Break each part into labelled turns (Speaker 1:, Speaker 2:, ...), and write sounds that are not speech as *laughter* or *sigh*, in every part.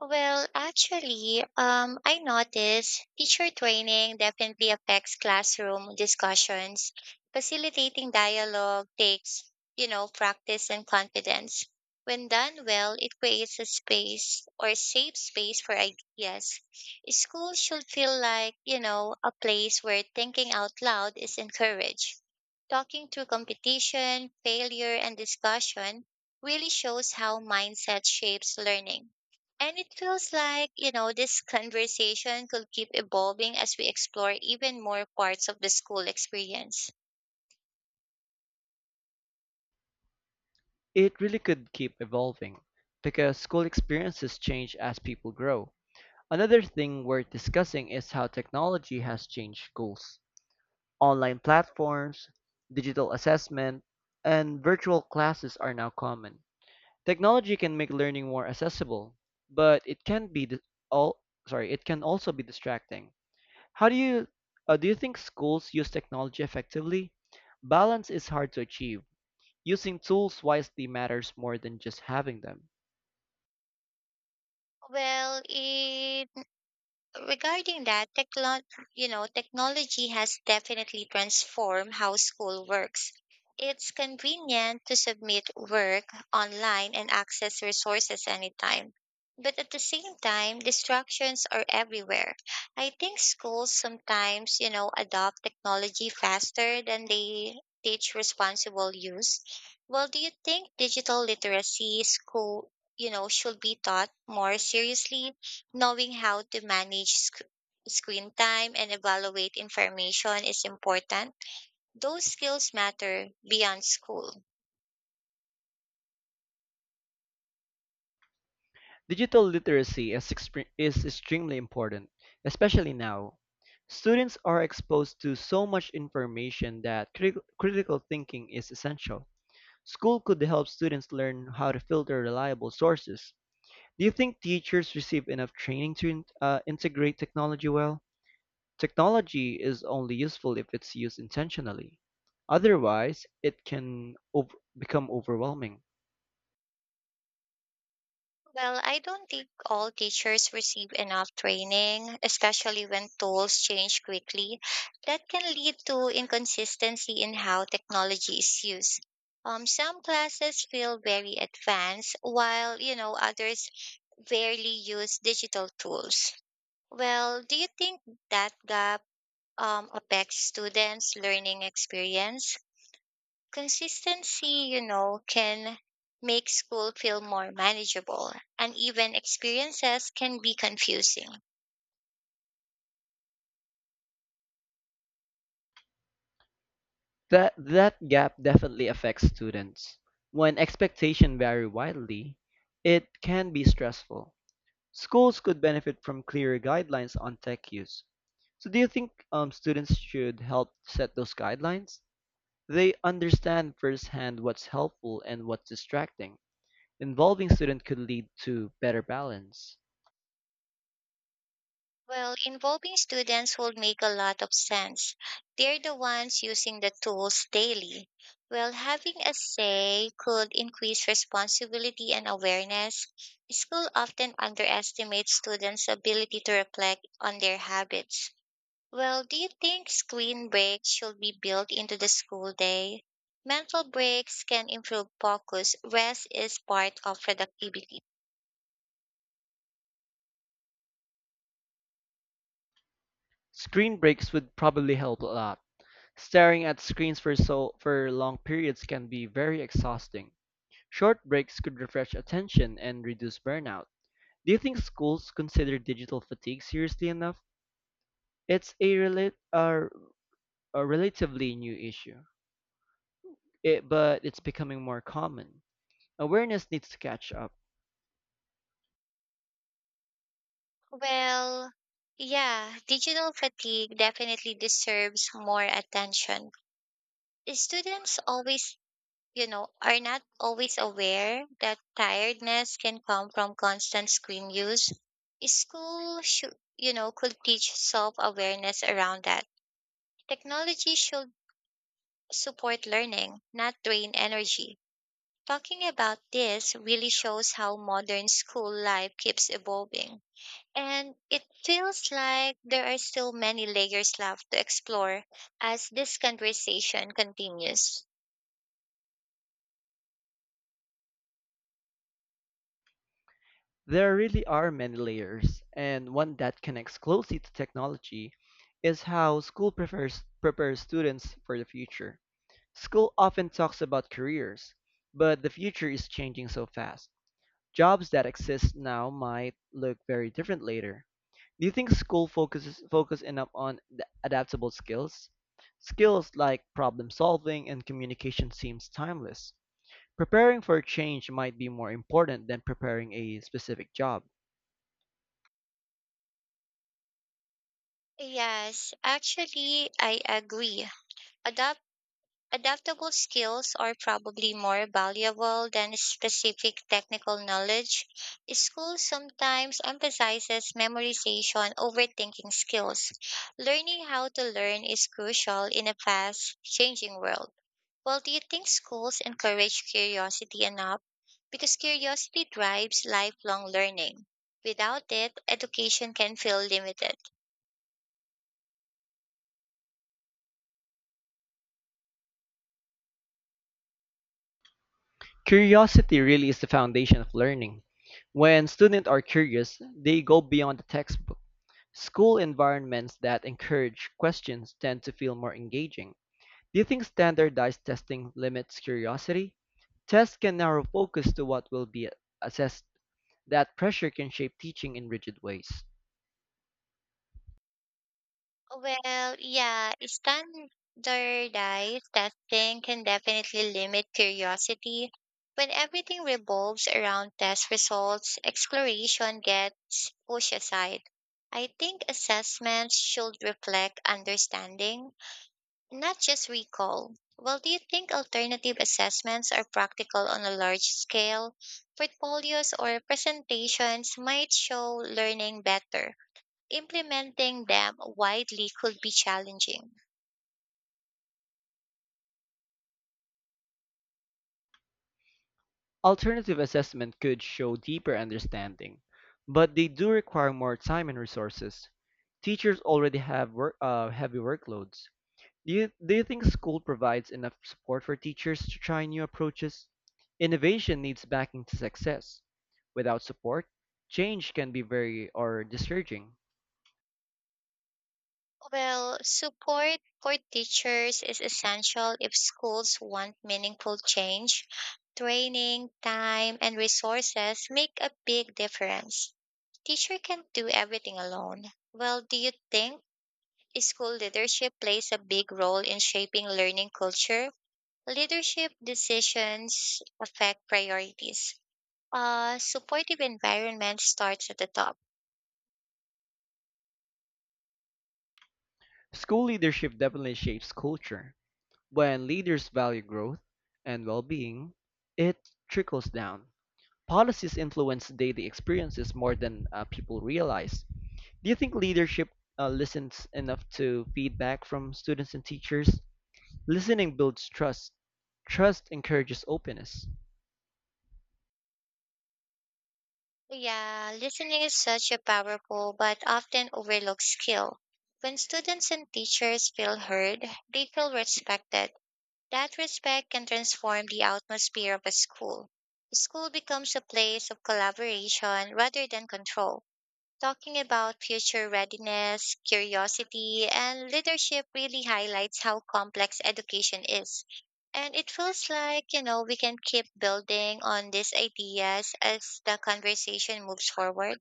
Speaker 1: Well, actually, I noticed teacher training definitely affects classroom discussions. Facilitating dialogue takes, you know, practice and confidence. When done well, it creates a space or safe space for ideas. School should feel like, you know, a place where thinking out loud is encouraged. Talking through competition, failure, and discussion really shows how mindset shapes learning. And it feels like, you know, this *laughs* conversation could keep evolving as we explore even more parts of the school experience.
Speaker 2: It really could keep evolving because school experiences change as people grow. Another thing worth discussing is how technology has changed schools. Online platforms, digital assessment, and virtual classes are now common. Technology can make learning more accessible, but it can also be distracting. How do you think schools use technology effectively? Balance is hard to achieve. Using tools wisely matters more than just having them.
Speaker 1: Well, it regarding that techlo- You know, technology has definitely transformed how school works. It's convenient to submit work online and access resources anytime, but at the same time distractions are everywhere. I think schools sometimes, you know, adopt technology faster than they teach responsible use. Well, do you think digital literacy school, you know, should be taught more seriously? Knowing how to manage sc- Screen time and evaluate information is important. Those skills matter beyond school.
Speaker 2: Digital literacy is extremely important, especially now. Students are exposed to so much information that critical thinking is essential. School could help students learn how to filter reliable sources. Do you think teachers receive enough training to integrate technology well? Technology is only useful if it's used intentionally. Otherwise, it can become overwhelming.
Speaker 1: Well, I don't think all teachers receive enough training, especially when tools change quickly. That can lead to inconsistency in how technology is used. Some classes feel very advanced, while you know others barely use digital tools. Well, do you think that gap affects students' learning experience? Consistency, you know, can make school feel more manageable, and even experiences can be confusing.
Speaker 2: That gap definitely affects students. When expectations vary widely, it can be stressful. Schools could benefit from clearer guidelines on tech use. So, do you think students should help set those guidelines? They understand firsthand what's helpful and what's distracting. Involving students could lead to better balance.
Speaker 1: Well, involving students will make a lot of sense. They're the ones using the tools daily. Well, having a say could increase responsibility and awareness. School often underestimates students' ability to reflect on their habits. Well, do you think screen breaks should be built into the school day? Mental breaks can improve focus. Rest is part of productivity.
Speaker 2: Screen breaks would probably help a lot. Staring at screens for for long periods can be very exhausting. Short breaks could refresh attention and reduce burnout. Do you think schools consider digital fatigue seriously enough? It's a relatively new issue, but it's becoming more common. Awareness needs to catch up.
Speaker 1: Well, yeah, digital fatigue definitely deserves more attention. Students always, you know, are not always aware that tiredness can come from constant screen use. School should, you know, could teach self awareness around that. Technology should support learning, not drain energy. Talking about this really shows how modern school life keeps evolving. And it feels like there are still many layers left to explore as this conversation continues.
Speaker 2: There really are many layers, and one that connects closely to technology is how school prepares students for the future. School often talks about careers, but the future is changing so fast. Jobs that exist now might look very different later. Do you think school focus enough on the adaptable skills? Skills like problem solving and communication seems timeless. Preparing for change might be more important than preparing a specific job.
Speaker 1: Yes, actually, I agree. Adoption Adaptable skills are probably more valuable than specific technical knowledge. School sometimes emphasizes memorization over thinking skills. Learning how to learn is crucial in a fast changing world. Well, do you think schools encourage curiosity enough? Because curiosity drives lifelong learning. Without it, education can feel limited.
Speaker 2: Curiosity really is the foundation of learning. When students are curious, they go beyond the textbook. School environments that encourage questions tend to feel more engaging. Do you think standardized testing limits curiosity? Tests can narrow focus to what will be assessed. That pressure can shape teaching in rigid ways.
Speaker 1: Well, yeah, standardized testing can definitely limit curiosity. When everything revolves around test results, exploration gets pushed aside. I think assessments should reflect understanding, not just recall. Well, do you think alternative assessments are practical on a large scale? Portfolios or presentations might show learning better. Implementing them widely could be challenging.
Speaker 2: Alternative assessment could show deeper understanding, but they do require more time and resources. Teachers already have heavy workloads. Do you think school provides enough support for teachers to try new approaches? Innovation needs backing to success. Without support, change can be very or discouraging.
Speaker 1: Well, support for teachers is essential if schools want meaningful change. Training, time, and resources make a big difference. Teacher can't do everything alone. Well, do you think school leadership plays a big role in shaping learning culture? Leadership decisions affect priorities. A supportive environment starts at the top.
Speaker 2: School leadership definitely shapes culture. When leaders value growth and well being, it trickles down. Policies influence daily experiences more than people realize. Do you think leadership listens enough to feedback from students and teachers? Listening builds trust, trust encourages openness.
Speaker 1: Yeah, listening is such a powerful but often overlooked skill. When students and teachers feel heard, they feel respected. That respect can transform the atmosphere of a school. The school becomes a place of collaboration rather than control. Talking about future readiness, curiosity, and leadership really highlights how complex education is. And it feels like, you know, we can keep building on these ideas as the conversation moves forward.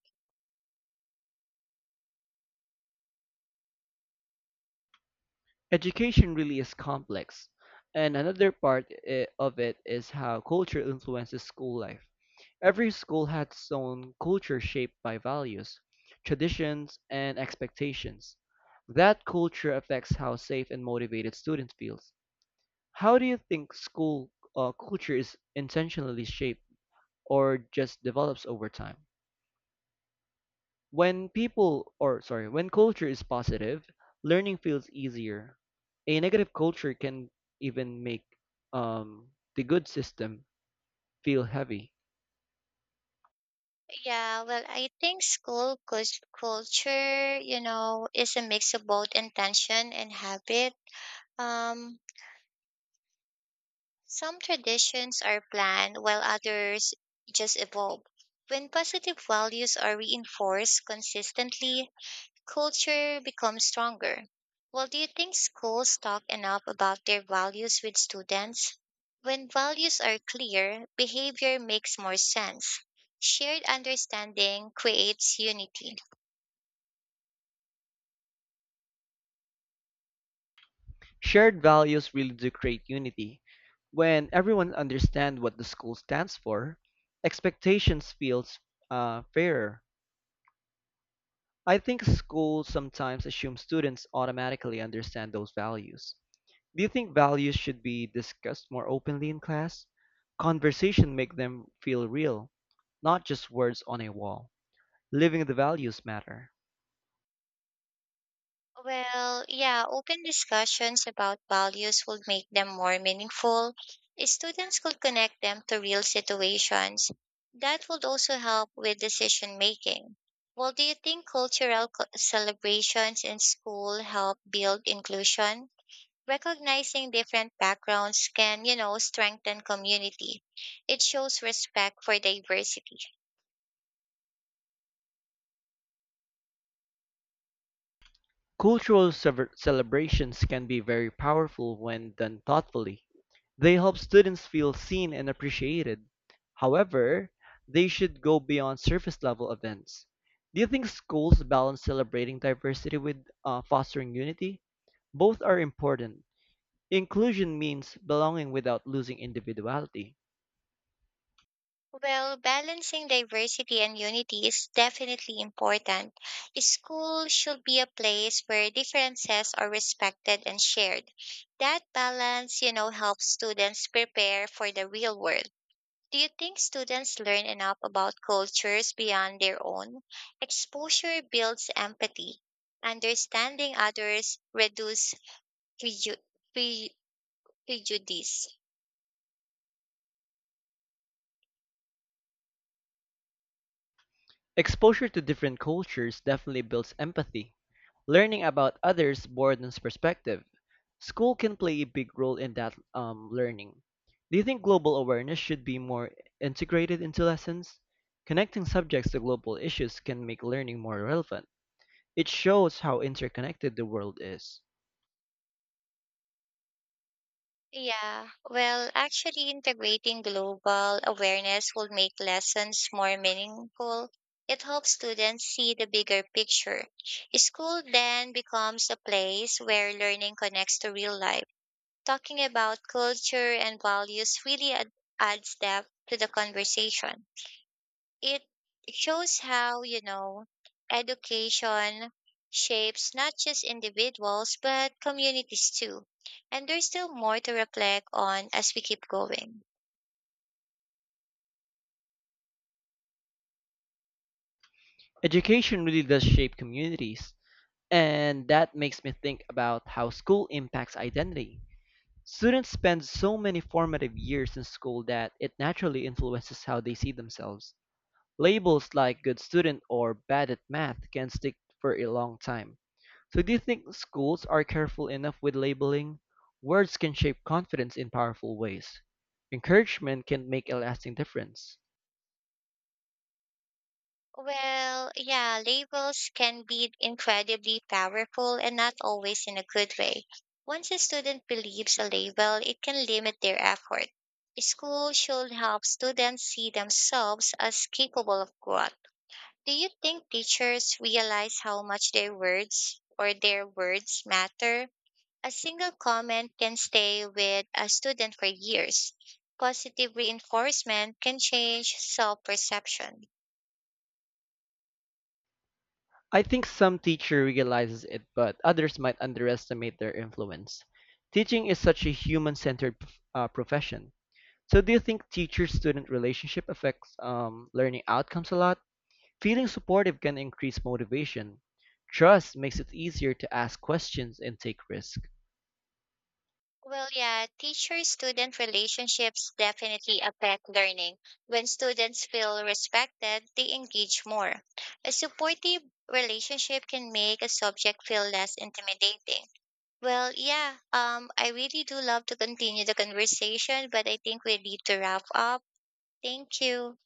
Speaker 2: Education really is complex. And another part of it is how culture influences school life. Every school had its own culture shaped by values, traditions, and expectations. That culture affects how safe and motivated students feel. How do you think school culture is intentionally shaped or just develops over time? When people, or sorry, When culture is positive, learning feels easier. A negative culture can even make um, the good system feel heavy.
Speaker 1: Yeah, well, I think school culture, you know, is a mix of both intention and habit. Um, Some traditions are planned while others just evolve. When positive values are reinforced consistently, culture becomes stronger. Well, do you think schools talk enough about their values with students? When values are clear, behavior makes more sense. Shared understanding creates unity.
Speaker 2: Shared values really do create unity. When everyone understands what the school stands for, expectations feels fairer. I think schools sometimes assume students automatically understand those values. Do you think values should be discussed more openly in class? Conversation make them feel real, not just words on a wall. Living the values matter.
Speaker 1: Well, yeah, open discussions about values would make them more meaningful. Students could connect them to real situations. That would also help with decision making. Well, do you think cultural celebrations in school help build inclusion? Recognizing different backgrounds can, you know, strengthen community. It shows respect for diversity.
Speaker 2: Celebrations can be very powerful when done thoughtfully. They help students feel seen and appreciated. However, they should go beyond surface level events. Do you think schools balance celebrating diversity with fostering unity? Both are important. Inclusion means belonging without losing individuality.
Speaker 1: Well, balancing diversity and unity is definitely important. School should be a place where differences are respected and shared. That balance, you know, helps students prepare for the real world. Do you think students learn enough about cultures beyond their own? Exposure builds empathy. Understanding others reduces preju- pre- prejudice.
Speaker 2: Exposure to different cultures definitely builds empathy. Learning about others broadens perspective. School can play a big role in that learning. Do you think global awareness should be more integrated into lessons? Connecting subjects to global issues can make learning more relevant. It shows how interconnected the world is.
Speaker 1: Yeah, well, actually, integrating global awareness will make lessons more meaningful. It helps students see the bigger picture. School then becomes a place where learning connects to real life. Talking about culture and values really adds depth to the conversation. It shows how, you know, education shapes not just individuals but communities too. And there's still more to reflect on as we keep going.
Speaker 2: Education really does shape communities, and that makes me think about how school impacts identity. Students spend so many formative years in school that it naturally influences how they see themselves. Labels like "good student" or "bad at math" can stick for a long time. So do you think schools are careful enough with labeling? Words can shape confidence in powerful ways. Encouragement can make a lasting difference.
Speaker 1: Well, yeah, labels can be incredibly powerful and not always in a good way. Once a student believes a label, it can limit their effort. School should help students see themselves as capable of growth. Do you think teachers realize how much their words matter? A single comment can stay with a student for years. Positive reinforcement can change self perception.
Speaker 2: I think some teacher realizes it, but others might underestimate their influence. Teaching is such a human-centered profession. So do you think teacher-student relationship affects learning outcomes a lot? Feeling supportive can increase motivation. Trust makes it easier to ask questions and take risks.
Speaker 1: Well, yeah, teacher student relationships definitely affect learning. When students feel respected, they engage more. A supportive relationship can make a subject feel less intimidating. Well, yeah, I really do love to continue the conversation, but I think we need to wrap up. Thank you.